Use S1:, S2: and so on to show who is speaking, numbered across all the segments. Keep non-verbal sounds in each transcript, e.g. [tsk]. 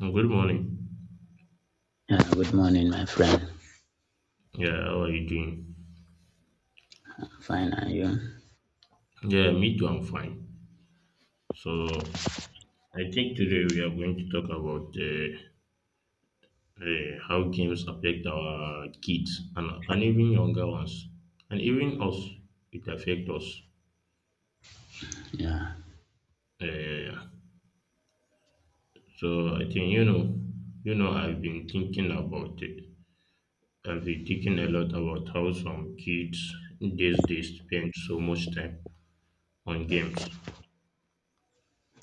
S1: Mm, good morning.
S2: Yeah, good morning, my friend.
S1: Yeah, how are you doing?
S2: Fine, are you?
S1: Yeah, me too, I'm fine. So, I think today we are going to talk about how games affect our kids and even younger ones, and even us. It affects us.
S2: Yeah.
S1: Uh, so, I think, you know, I've been thinking about it. I've been thinking a lot about how some kids these days spend so much time on games.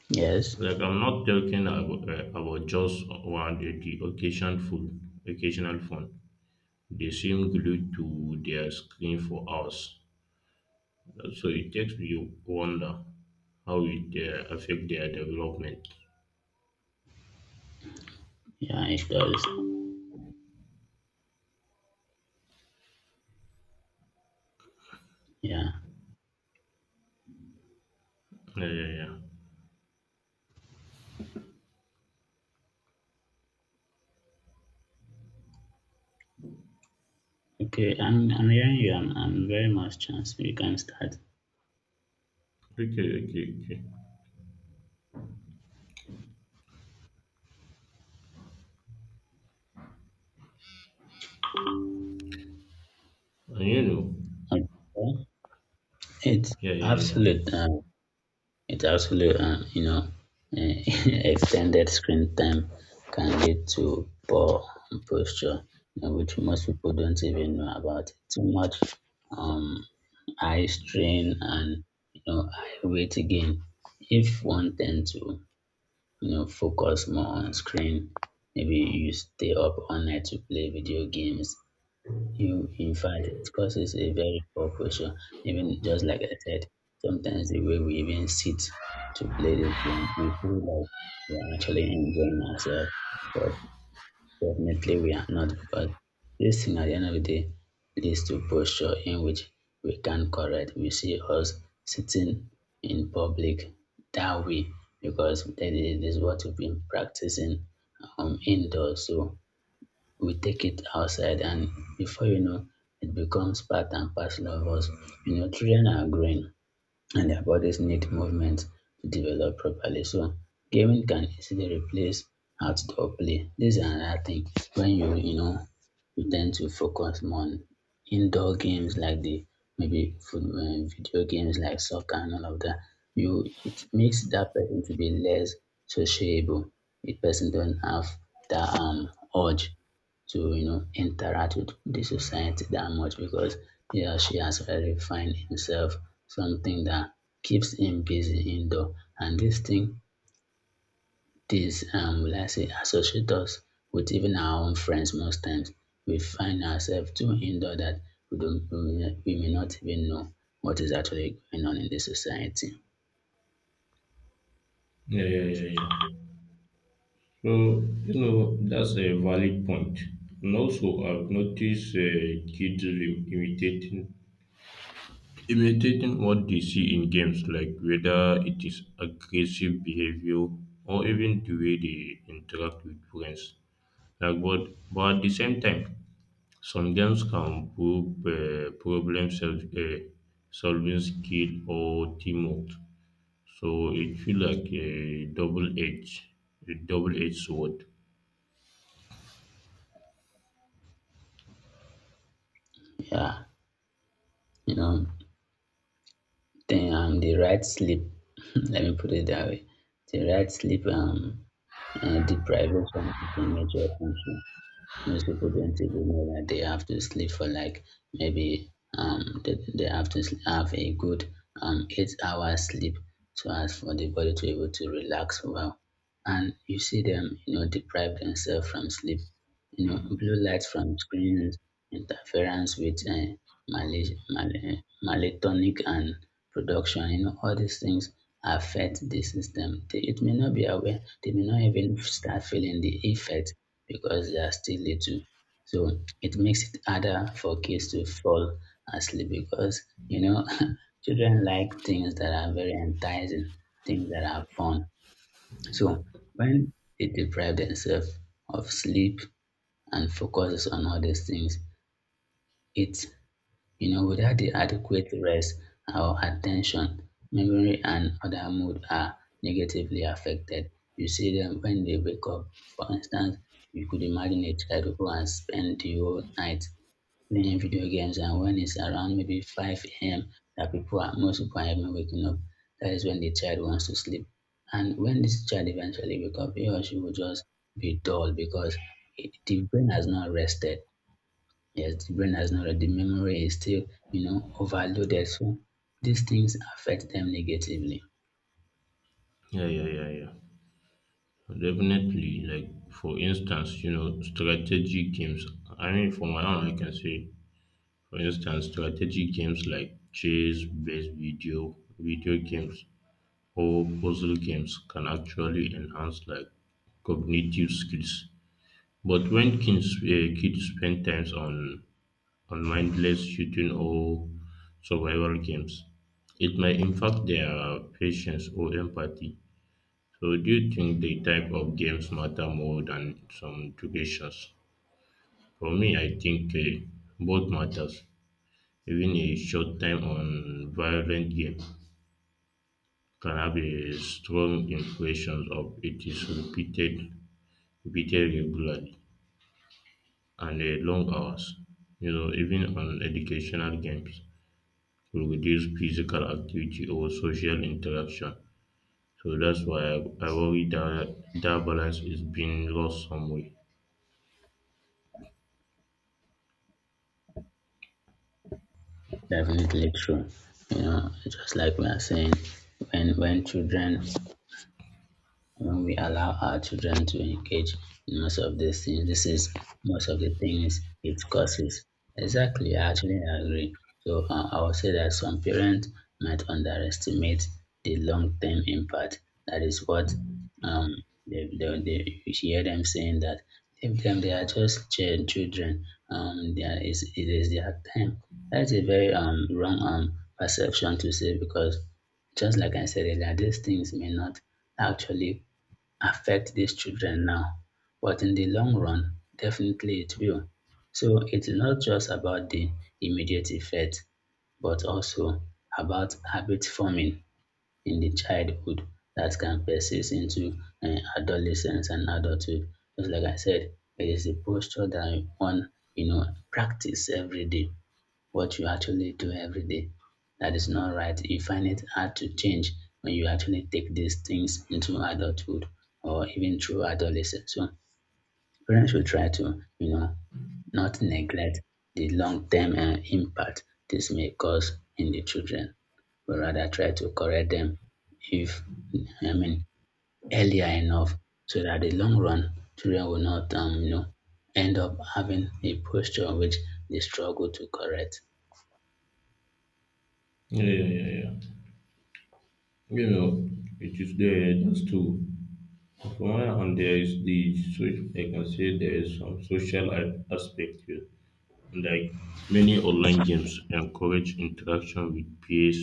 S2: Yes.
S1: Like I'm not talking about just one the occasion food, occasional phone. They seem glued to their screen for hours. So it takes you wonder how it affect their development.
S2: Yeah, it does. Yeah.
S1: Yeah, yeah, yeah.
S2: Okay, I'm hearing you. I'm very much chance. You can start.
S1: Okay, okay, okay. And you know,
S2: Okay. It's
S1: yeah, yeah, yeah,
S2: absolute. It's absolute. Uh, [laughs] extended screen time can lead to poor posture, which most people don't even know about. Too much um, eye strain and eye weight again. If one tend to focus more on screen, maybe you stay up all night to play video games. You, in fact it causes a very poor posture. Even just like I said, sometimes the way we even sit to play this game, we feel like we're actually enjoying ourselves, but definitely we are not because this thing at the end of the day leads to posture in which we can't correct. We see us sitting in public that way because that is what we've been practicing indoors. So we take it outside and before you know it becomes part and parcel of us. Children are growing and their bodies need movement to develop properly. So gaming can easily replace outdoor play. This is another thing, when you tend to focus more on indoor games, like the maybe foot video games like soccer and all of that. You It makes that person to be less sociable. The person don't have that urge to interact with the society that much because he or she has already find himself something that keeps him busy indoor. And this thing, this will I say, associate us with even our own friends. Most times we find ourselves too indoor that we may not even know what is actually going on in the society.
S1: yeah, yeah, yeah, yeah. So you know that's a valid point. And also, I've noticed kids imitating, imitating what they see in games, like whether it is aggressive behavior or even the way they interact with friends. Like but at the same time, some games can prove solving skill or teamwork. So it feel like a double edged sword.
S2: Yeah. you know then the right sleep, [laughs] let me put it that way, the right sleep, deprivation is a major concern. Most people don't even know that they have to sleep for like maybe, they have to have a good 8 hours sleep, so as for the body to be able to relax well. And you see them, deprive themselves from sleep. Blue light from screens interference with malatonic and production. All these things affect the system. It may not be aware, they may not even start feeling the effect because they are still little. So it makes it harder for kids to fall asleep because, you know, [laughs] children like things that are very enticing, things that are fun. So when they deprive themselves of sleep and focuses on all these things, it, without the adequate rest, our attention, memory and other mood are negatively affected. You see them when they wake up. For instance, you could imagine a child who has spent the whole night playing video games, and when it's around maybe 5 a.m., that people are most people are even waking up. That is when the child wants to sleep. And when this child eventually wake up, he or she will just be dull because, the brain has not rested. Yes, the brain has not the memory is still, overloaded. So these things affect them negatively.
S1: Yeah, yeah, yeah, yeah. Definitely. Like for instance, you know, strategy games. I mean, for my own, I can say, for instance, strategic games like chess based video games or puzzle games can actually enhance like cognitive skills. But when kids spend time on mindless shooting or survival games, it might impact their patience or empathy. So, do you think the type of games matter more than some durations? For me, I think both matters, even a short time on violent game can have a strong impression of it is repeated regularly and a long hours. You know, even on educational games will reduce physical activity or social interaction. So that's why I worry that balance is being lost somewhere.
S2: Definitely true. Just like we are saying, when children when we allow our children to engage in most of these things, this is most of the things it causes. Exactly, I actually agree. So I would say that some parents might underestimate the long-term impact. That is what, um, they you hear them saying that if them they are just children. It is their time. That's a very wrong perception to say because, just like I said earlier, these things may not actually affect these children now, but in the long run, definitely it will. So it's not just about the immediate effect, but also about habit forming in the childhood that can persist into adolescence and adulthood. Just like I said, it is a posture that one, you know, practice every day, what you actually do every day. That is not right. You find it hard to change when you actually take these things into adulthood or even through adolescence. So parents should try to, not neglect the long-term impact this may cause in the children, but rather try to correct them, if I mean, earlier enough, so that the long run children will not end up having a posture which they struggle to correct.
S1: Yeah, yeah, yeah, yeah. You know, it is there. That's true. From one hand, there is the, so I can say there is some social aspect here. Like many online games encourage interaction with peers,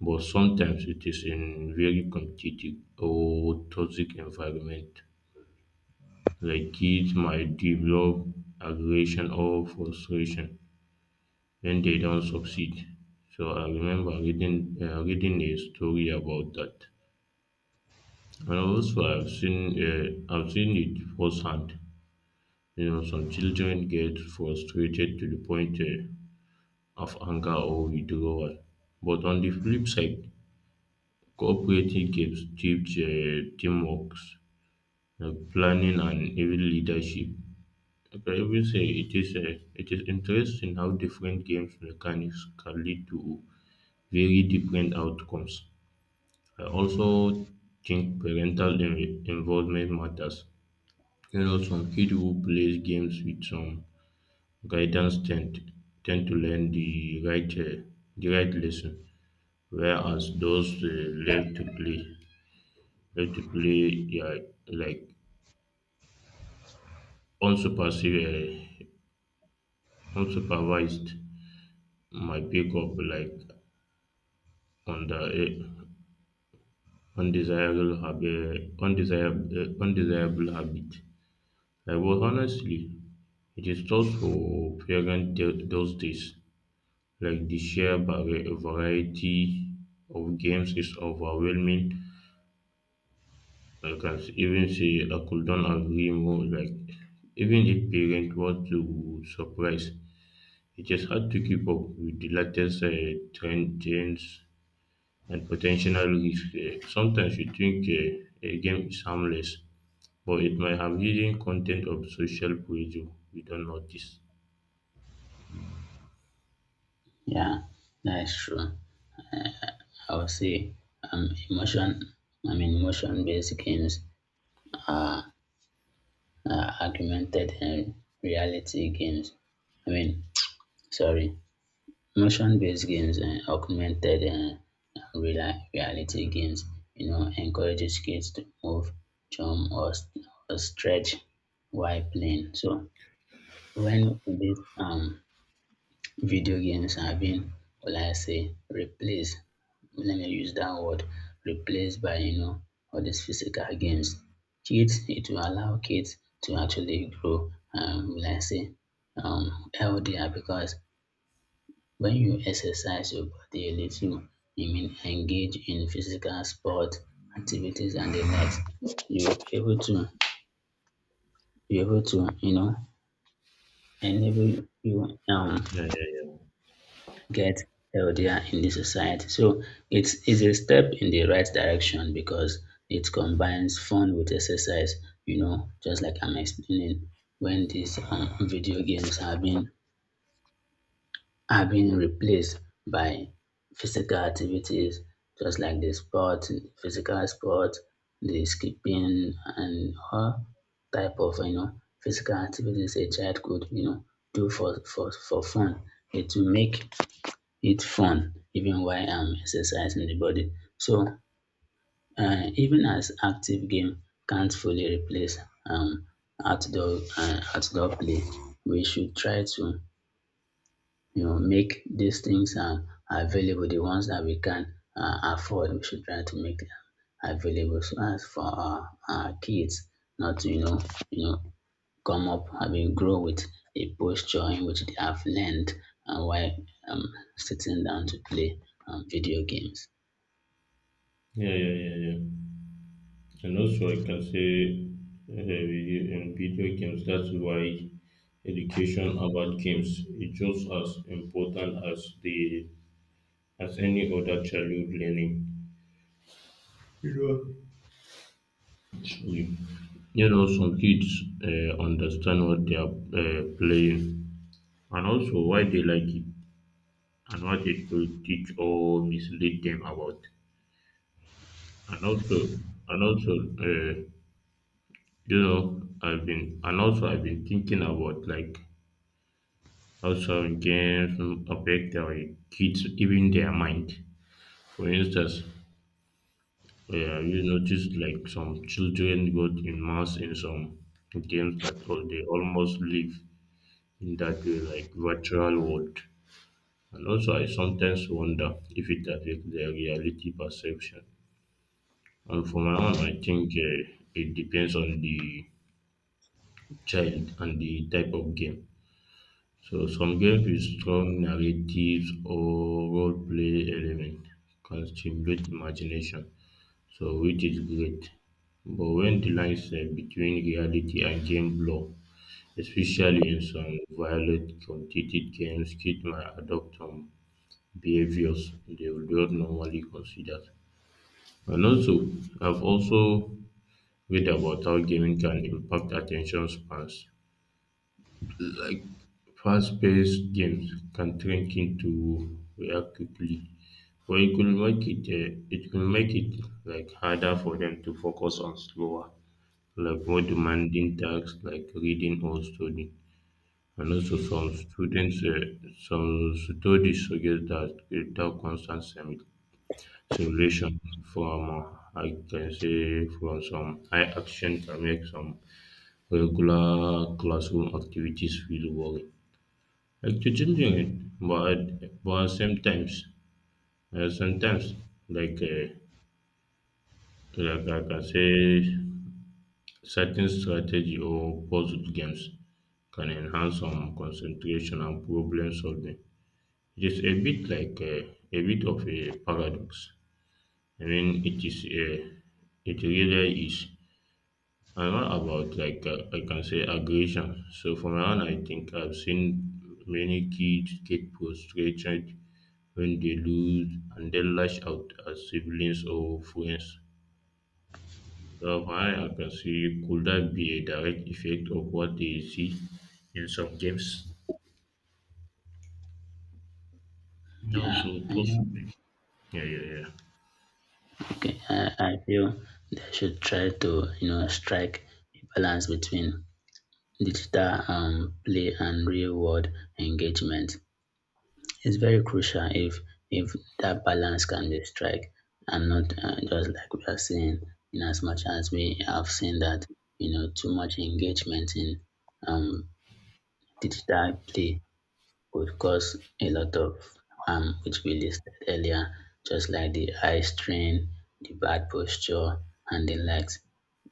S1: but sometimes it is in very competitive or toxic environment. Like kids might develop aggression or frustration when they don't succeed. So I remember reading reading a story about that. And also, I've seen it firsthand. You know, some children get frustrated to the point of anger or withdrawal. But on the flip side, cooperative games teach teamwork, planning, and even leadership. Like I will say it is interesting how different games mechanics can lead to very different outcomes. I also think parental involvement matters. You know, some kids who plays games with some guidance tend to learn the right lesson, whereas those left to play left to play, yeah, like unsupervised, unsupervised might pick up like under a undesirable habit, undesirable, undesirable habit. Like, well, honestly, it is tough for parents those days. Like the sheer variety of games is overwhelming. I can even say I couldn't agree more. Like, even if parents want to surprise, it is hard to keep up with the latest trends and potential risks. Sometimes you think a game is harmless, but it might have hidden content of social pressure we don't notice.
S2: Yeah, that's true. I would say emotion, I mean, emotion based games are, are augmented and reality games. I mean, [tsk] sorry, emotion based games and augmented and reality games, encourages kids to move, jump, or, or stretch while playing. So, when this, video games are being, what will I say, replaced. Let me use that word replaced by, all these physical games. Kids, it will allow kids to actually grow, will I say, healthier, because when you exercise your body a little, you mean engage in physical sport activities and the likes, you're able to, enable you,
S1: Yeah, yeah, yeah.
S2: get healthier in the society. So it's a step in the right direction because it combines fun with exercise, just like I'm explaining, when these, video games have been are being replaced by physical activities, just like the sport, physical sport, the skipping and all type of, physical activities a child could, do for fun. It will make it's fun, even while I'm exercising the body. So even as active game can't fully replace um, outdoor outdoor play, we should try to, make these things available. The ones that we can afford, we should try to make them available so as for our kids not to, you know come up and will grow with a posture in which they have learned, while, um, sitting down to play, video games.
S1: Yeah, yeah, yeah, yeah. And also, I can say in video games, that's why education about games is just as important as the as any other childhood learning. You you know, some kids understand what they are playing and also why they like it and what it could teach or mislead them about. And also, and also, uh, you know, I've been thinking about like, also, games affect our kids, even their mind. For instance, we noticed like some children got immersed in some games that they almost live in that way, like virtual world. And also, I sometimes wonder if it affects their reality perception. And for my own, I think it depends on the child and the type of game. So some games with strong narratives or role play element can stimulate imagination, so which is great. But when the lines set between reality and game blur, especially in some violent competitive games, kids might adopt some behaviors they would not normally consider. And also, I've also read about how gaming can impact attention spans. Like fast-paced games can trick into to react quickly, or it could make it like harder for them to focus on slower, like more demanding tasks like reading or studying. And also, some students, some studies suggest that without constant simulation from, I can say, from some high action can make some regular classroom activities feel boring. Like changing it, but sometimes, uh, sometimes like uh, I can say certain strategy or puzzle games can enhance some concentration and problem solving. It is a bit like a bit of a paradox. I mean, it is a, it really is. I'm not about like I can say aggression. So for my own, I think I've seen many kids get frustrated when they lose and then lash out at siblings or friends. So from I can see, could that be a direct effect of what they see in some games?
S2: Yeah,
S1: Also,
S2: I know.
S1: possibly. Yeah, yeah, yeah.
S2: Okay, I feel they should try to, strike a balance between digital, play and real world engagement. It's very crucial if if that balance can be struck, and not, just like we are saying, in as much as we have seen that, too much engagement in, um, digital play would cause a lot of harm which we listed earlier, just like the eye strain, the bad posture and the likes.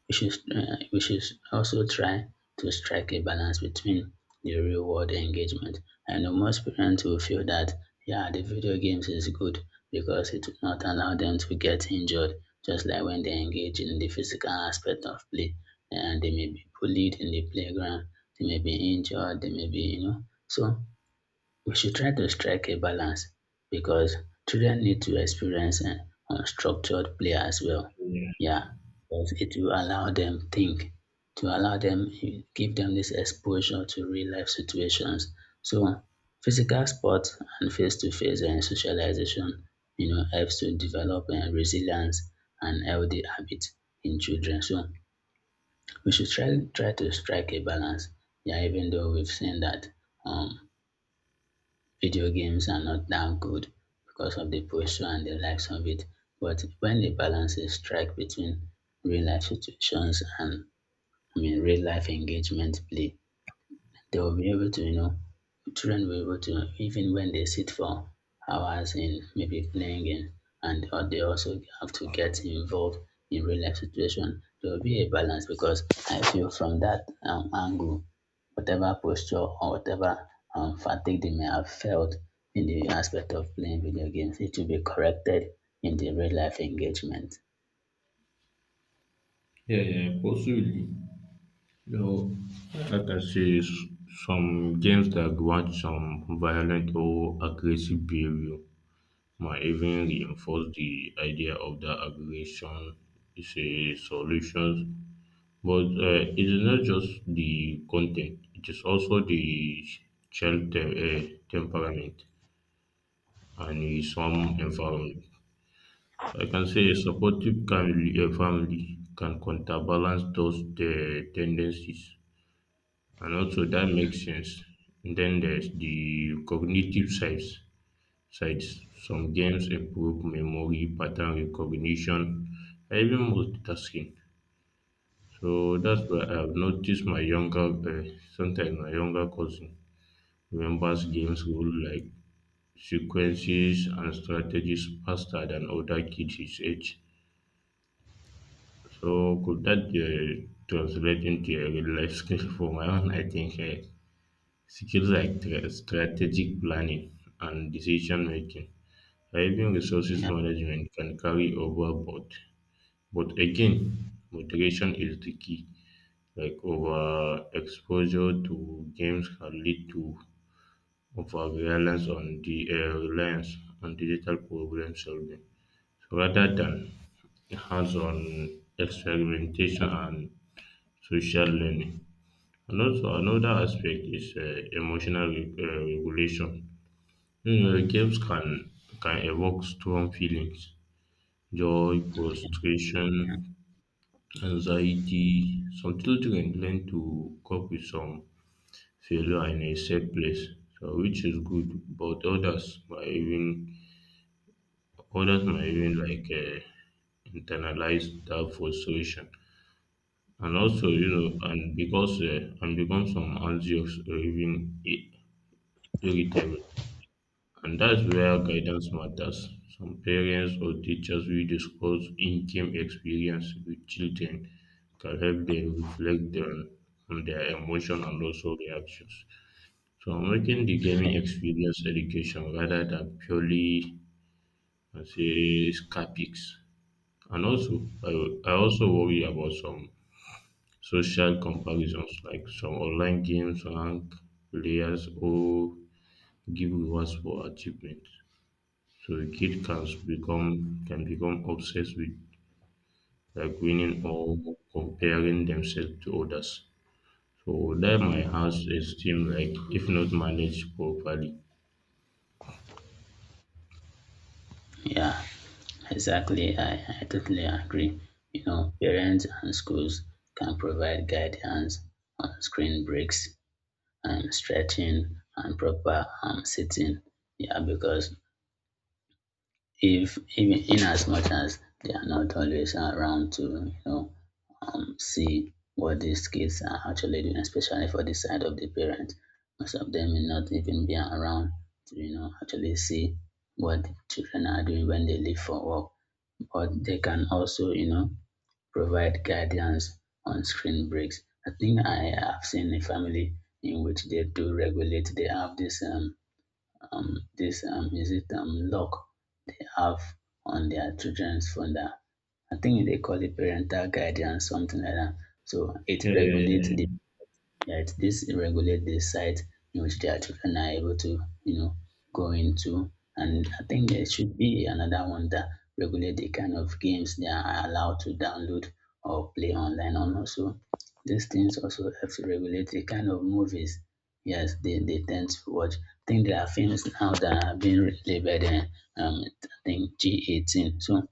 S2: We should also try to strike a balance between the real world engagement. I know most parents will feel that, yeah, the video games is good because it will not allow them to get injured, just like when they engage in the physical aspect of play, and they may be bullied in the playground, they may be injured, they may be, so we should try to strike a balance, because children need to experience, unstructured play as well.
S1: Yeah,
S2: Yeah, because it will allow them think, to allow them give them this exposure to real life situations. So physical sports and face to face and socialization, helps to develop, resilience and healthy habits in children. So we should try to strike a balance. Yeah, even though we've seen that, um video games are not that good because of the pressure and the likes of it. But when the balance is struck between real life situations and, I mean, real life engagement play, they will be able to, children will be able to, even when they sit for hours in maybe playing game, and or they also have to get involved in real life situation. There will be a balance, because I feel from that, angle, whatever posture or whatever, fatigue they may have felt in the aspect of playing video games, it will be corrected in the real life engagement.
S1: yeah, yeah, possibly. You know, I can see some games that grant some violent or aggressive behavior might even reinforce the idea of that aggression is a solution. But it is not just the content, it is also the child temperament and some environment. So I can say a family can counterbalance those the tendencies, and also that makes sense. Then there's the cognitive sides. Some games improve memory, pattern recognition, even multitasking. So that's why I've noticed my sometimes my younger cousin remembers games rule like sequences and strategies faster than older kids his age. So could that translate into a real life skill [laughs] for my own? I think skills like strategic planning and decision making, or even resources
S2: Yeah,
S1: management can carry over, but again, moderation is the key. Like over exposure to games can lead to overreliance on the reliance on digital problem solving. So rather than hands-on experimentation and social learning. And also another aspect is emotional regulation. You know, games can evoke strong feelings, joy, frustration, anxiety. Some children learn to cope with some failure in a safe place. So which is good, but others might even like internalize that frustration. And also, you know, and because and become some anxious or even irritable. And that's where guidance matters. Some parents or teachers will discuss in-game experience with children can help them reflect on their emotion and also reactions. So I'm making the gaming
S2: yeah,
S1: experience education rather than purely, I say, scaphics. And also, I also worry about some social comparisons, like some online games rank players or give rewards for achievement. So a kid can become obsessed with like winning or comparing themselves to others. So that might have esteem like if not managed properly.
S2: yeah. Exactly, I totally agree. Parents and schools can provide guidance on screen breaks and stretching and proper, sitting. Yeah, because if, even in as much as they are not always around to, see what these kids are actually doing, especially for the side of the parents, most of them may not even be around to, actually see what the children are doing when they leave for work. Or they can also, provide guidance on screen breaks. I think I have seen a family in which they do regulate. They have this, this, is it, lock they have on their children's phone. That I think they call it parental guidance, something like that. So it
S1: Yeah,
S2: regulates the
S1: yeah,
S2: that this regulate the site in which their children are able to, you know, go into. And I think there should be another one that regulate the kind of games they are allowed to download or play online. And also, these things also help to regulate the kind of movies. Yes, they tend to watch. I think there are films now that are being labeled, I think G18. So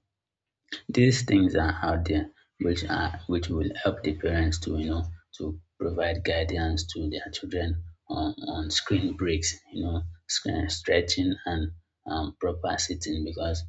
S2: these things are out there which are which will help the parents to to provide guidance to their children on screen breaks, screen stretching and proper sitting because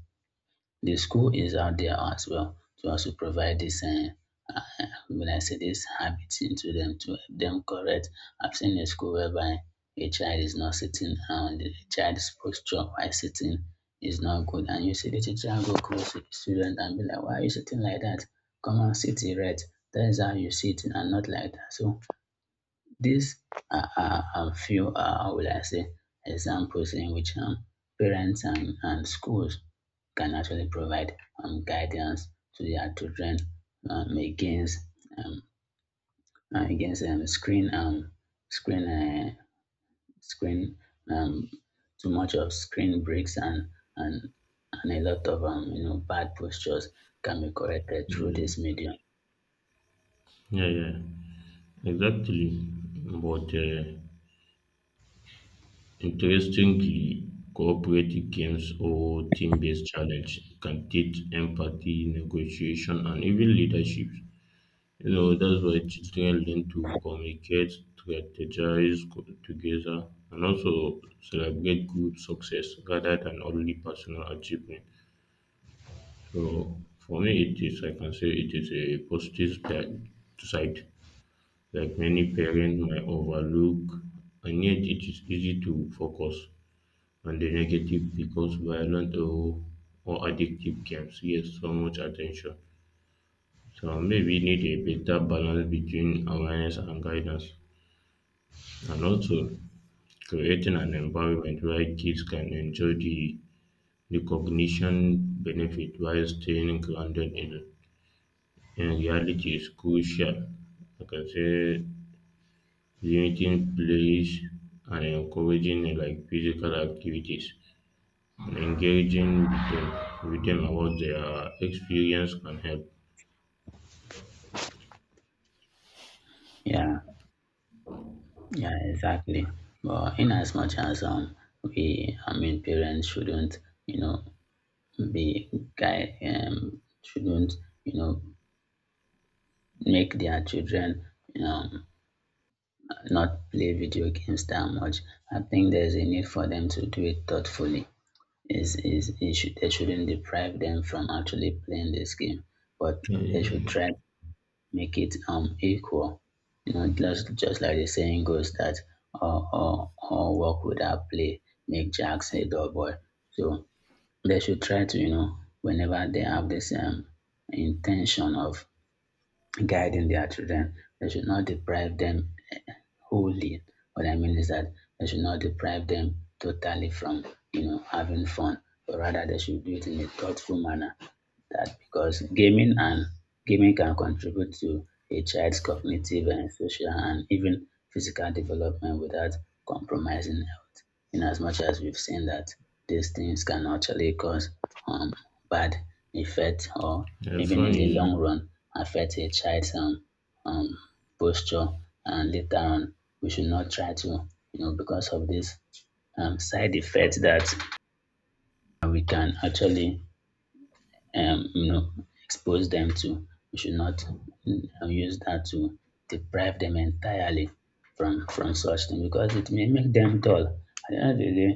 S2: the school is out there as well to also provide this uh, when I say this habit into them to help them correct. I've seen a school whereby a child is not sitting and the child's posture while sitting is not good, and you see the teacher go close to the student and be like, "Why are you sitting like that? Come on, sit erect. That is how you sit and not like that." So these are a few, will I say, examples in which parents and schools can actually provide guidance to their children against um, against screen screen uh, screen um, too much of screen breaks and and and a lot of you know bad postures can be corrected
S1: yeah.
S2: through this
S1: Yeah.
S2: medium.
S1: Yeah, yeah, exactly. But interestingly, cooperative games or team-based challenge can teach empathy, negotiation, and even leadership. You know, that's why children learn to communicate, strategize together, and also celebrate group success rather than only personal achievement. So, for me, it is, I can say, it is a positive side. Like many parents might overlook, and yet it is easy to focus on the negative because violent or addictive games get so much attention. So maybe need a better balance between awareness and guidance, and also creating an environment where kids can enjoy the recognition benefit while staying grounded in reality is crucial. Like I can say, limiting plays and encouraging like physical activities and engaging with with them about their experience can help.
S2: Yeah. Yeah, exactly. But in as much as I mean, parents shouldn't, you know, be guy shouldn't, you know, make their children, you know, not play video games that much. I think there's a need for them to do it thoughtfully. They shouldn't deprive them from actually playing this game, but they should
S1: Uh,
S2: try make it equal. You know, just like the saying goes that all work without play make jacks a dull boy. So they should try to you know whenever they have this intention of guiding their children. They should not deprive them wholly. What I mean is that they should not deprive them totally from, you know, having fun, but rather they should do it in a thoughtful manner. That because gaming can contribute to a child's cognitive and social and even physical development without compromising health, in as much as we've seen that these things can actually cause um, bad effect or
S1: uh,
S2: even in the
S1: funny,
S2: long run affect a child's um, posture. And later on, we should not try to, you know, because of this side effects that we can actually, um, you know expose them to, we should not use that to deprive them entirely from such thing, because it may make them dull at the end of the day.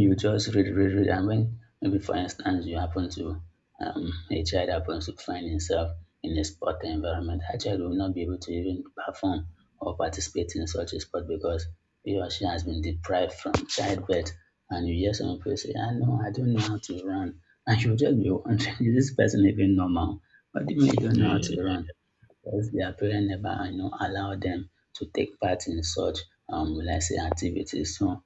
S2: You just read. And when maybe for instance you happen to, a child happens to find himself in a sport environment, that child will not be able to even perform or participate in such a sport because he or she has been deprived from childbirth. And you hear some people say, "I know, I don't know how to run." [laughs] And you just be wondering, [laughs] is this person even normal? What do you mean you don't
S1: uh,
S2: know how to run? Because their parents never you know allow them to take part in such will I say activities. So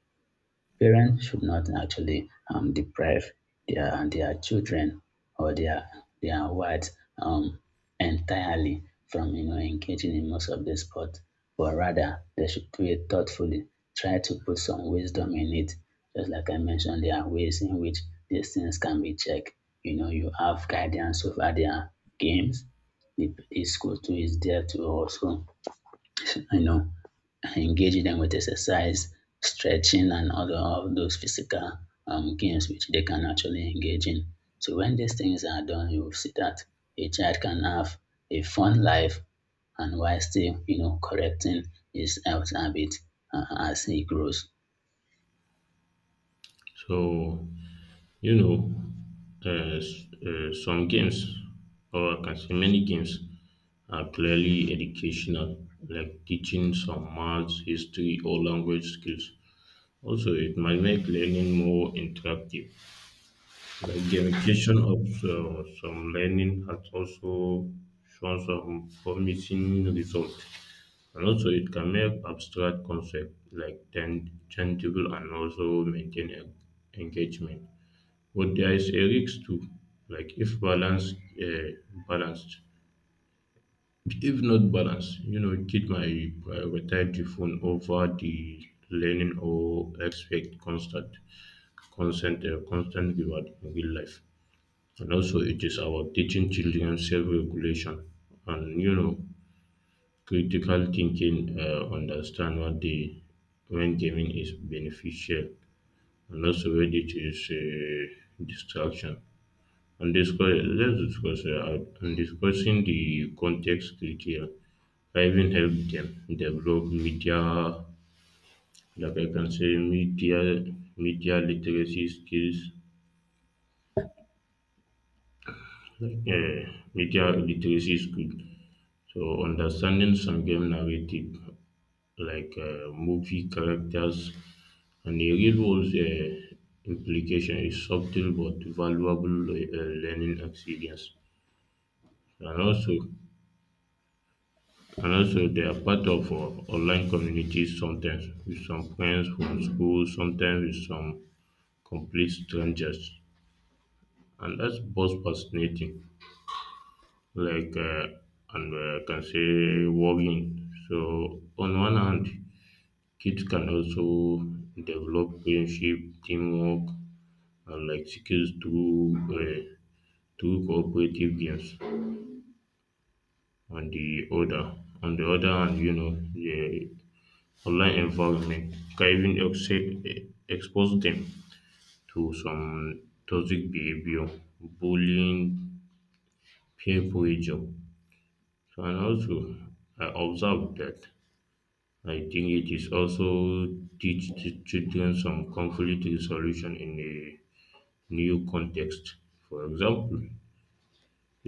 S2: parents should not actually deprive their children or their wives um, entirely from you know engaging in most of the sport, but rather they should do it thoughtfully. Try to put some wisdom in it. Just like I mentioned, there are ways in which these things can be checked. You know, you have guidance over their games. The school too is there to also, you know, engage them with exercise, stretching, and other of those physical games which they can actually engage in. So when these things are done, you will see that a child can have a fun life, and while still, you know, correcting his health habit as he grows.
S1: so you know, some games, or I can say many games, are clearly educational, like teaching some maths, history, or language skills. Also, it might make learning more interactive. Like gamification of some learning has also shown some promising results. And also, it can make abstract concepts like tangible and also maintain engagement. But there is a risk too, like if uh, balanced. If not balanced, you know, kid might prioritize the phone over the learning or expect constant reward in real life. And also, it is about teaching children self regulation and you know critical thinking. Understand what the when gaming is beneficial and also when it is a distraction. And discuss Let's discuss out- and discussing the context criteria. I even help them develop media, like I can say, media literacy skills. Like media literacy skills. So, understanding some game narrative like movie characters and the real world implication is subtle but valuable learning experience. And also, they are part of online communities sometimes with some friends from school, sometimes with some complete strangers, and that's both fascinating, like and I can say worrying. So on one hand, kids can also develop friendship, teamwork, and like skills through through cooperative games. On the other, on the other hand, you know, the online environment can even expose them to some toxic behavior, bullying, peer pressure. So, and also, I observed that I think it is also teach the children some conflict resolution in a new context. For example,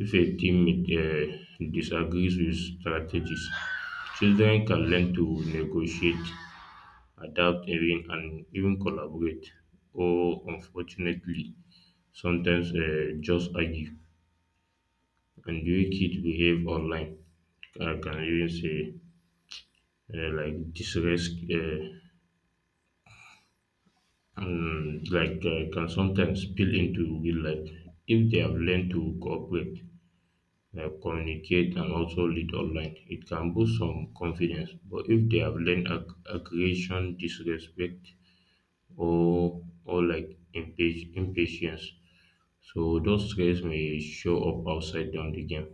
S1: if a teammate disagrees with strategies, children can learn to negotiate, adapt even and even collaborate or unfortunately sometimes just argue. And the way kids behave online I can even say like distress and like can sometimes spill into real life if they have learned to cooperate like communicate and also lead online. It can boost some confidence, but if they have learned aggression, disrespect, or like impatience, so those traits may show up outside down the game,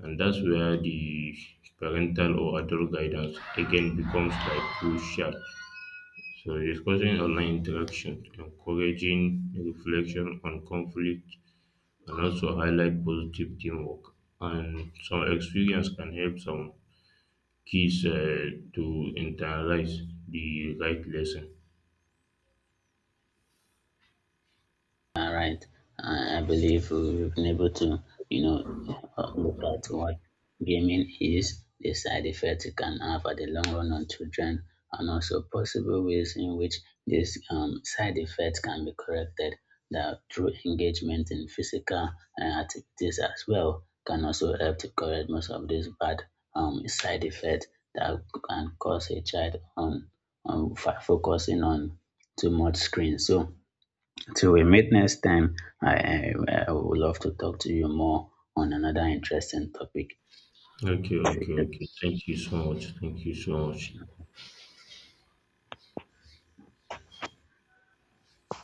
S1: and that's where the parental or adult guidance again becomes like crucial. So discussing online interaction, encouraging reflection on conflict, and also highlight positive teamwork. And some experience can help some kids to internalize the right lesson.
S2: All right. I believe we've been able to, you know, look at what gaming is, the side effects it can have at the long run on children, and also possible ways in which these side effects can be corrected, that through engagement in physical activities as well can also help to correct most of these bad side effects that can cause a child on focusing on too much screen. So till we meet next time, I, I, I would love to talk to you more on another interesting topic.
S1: Okay, okay,
S2: See you.
S1: okay. Thank you so much. Thank you so much.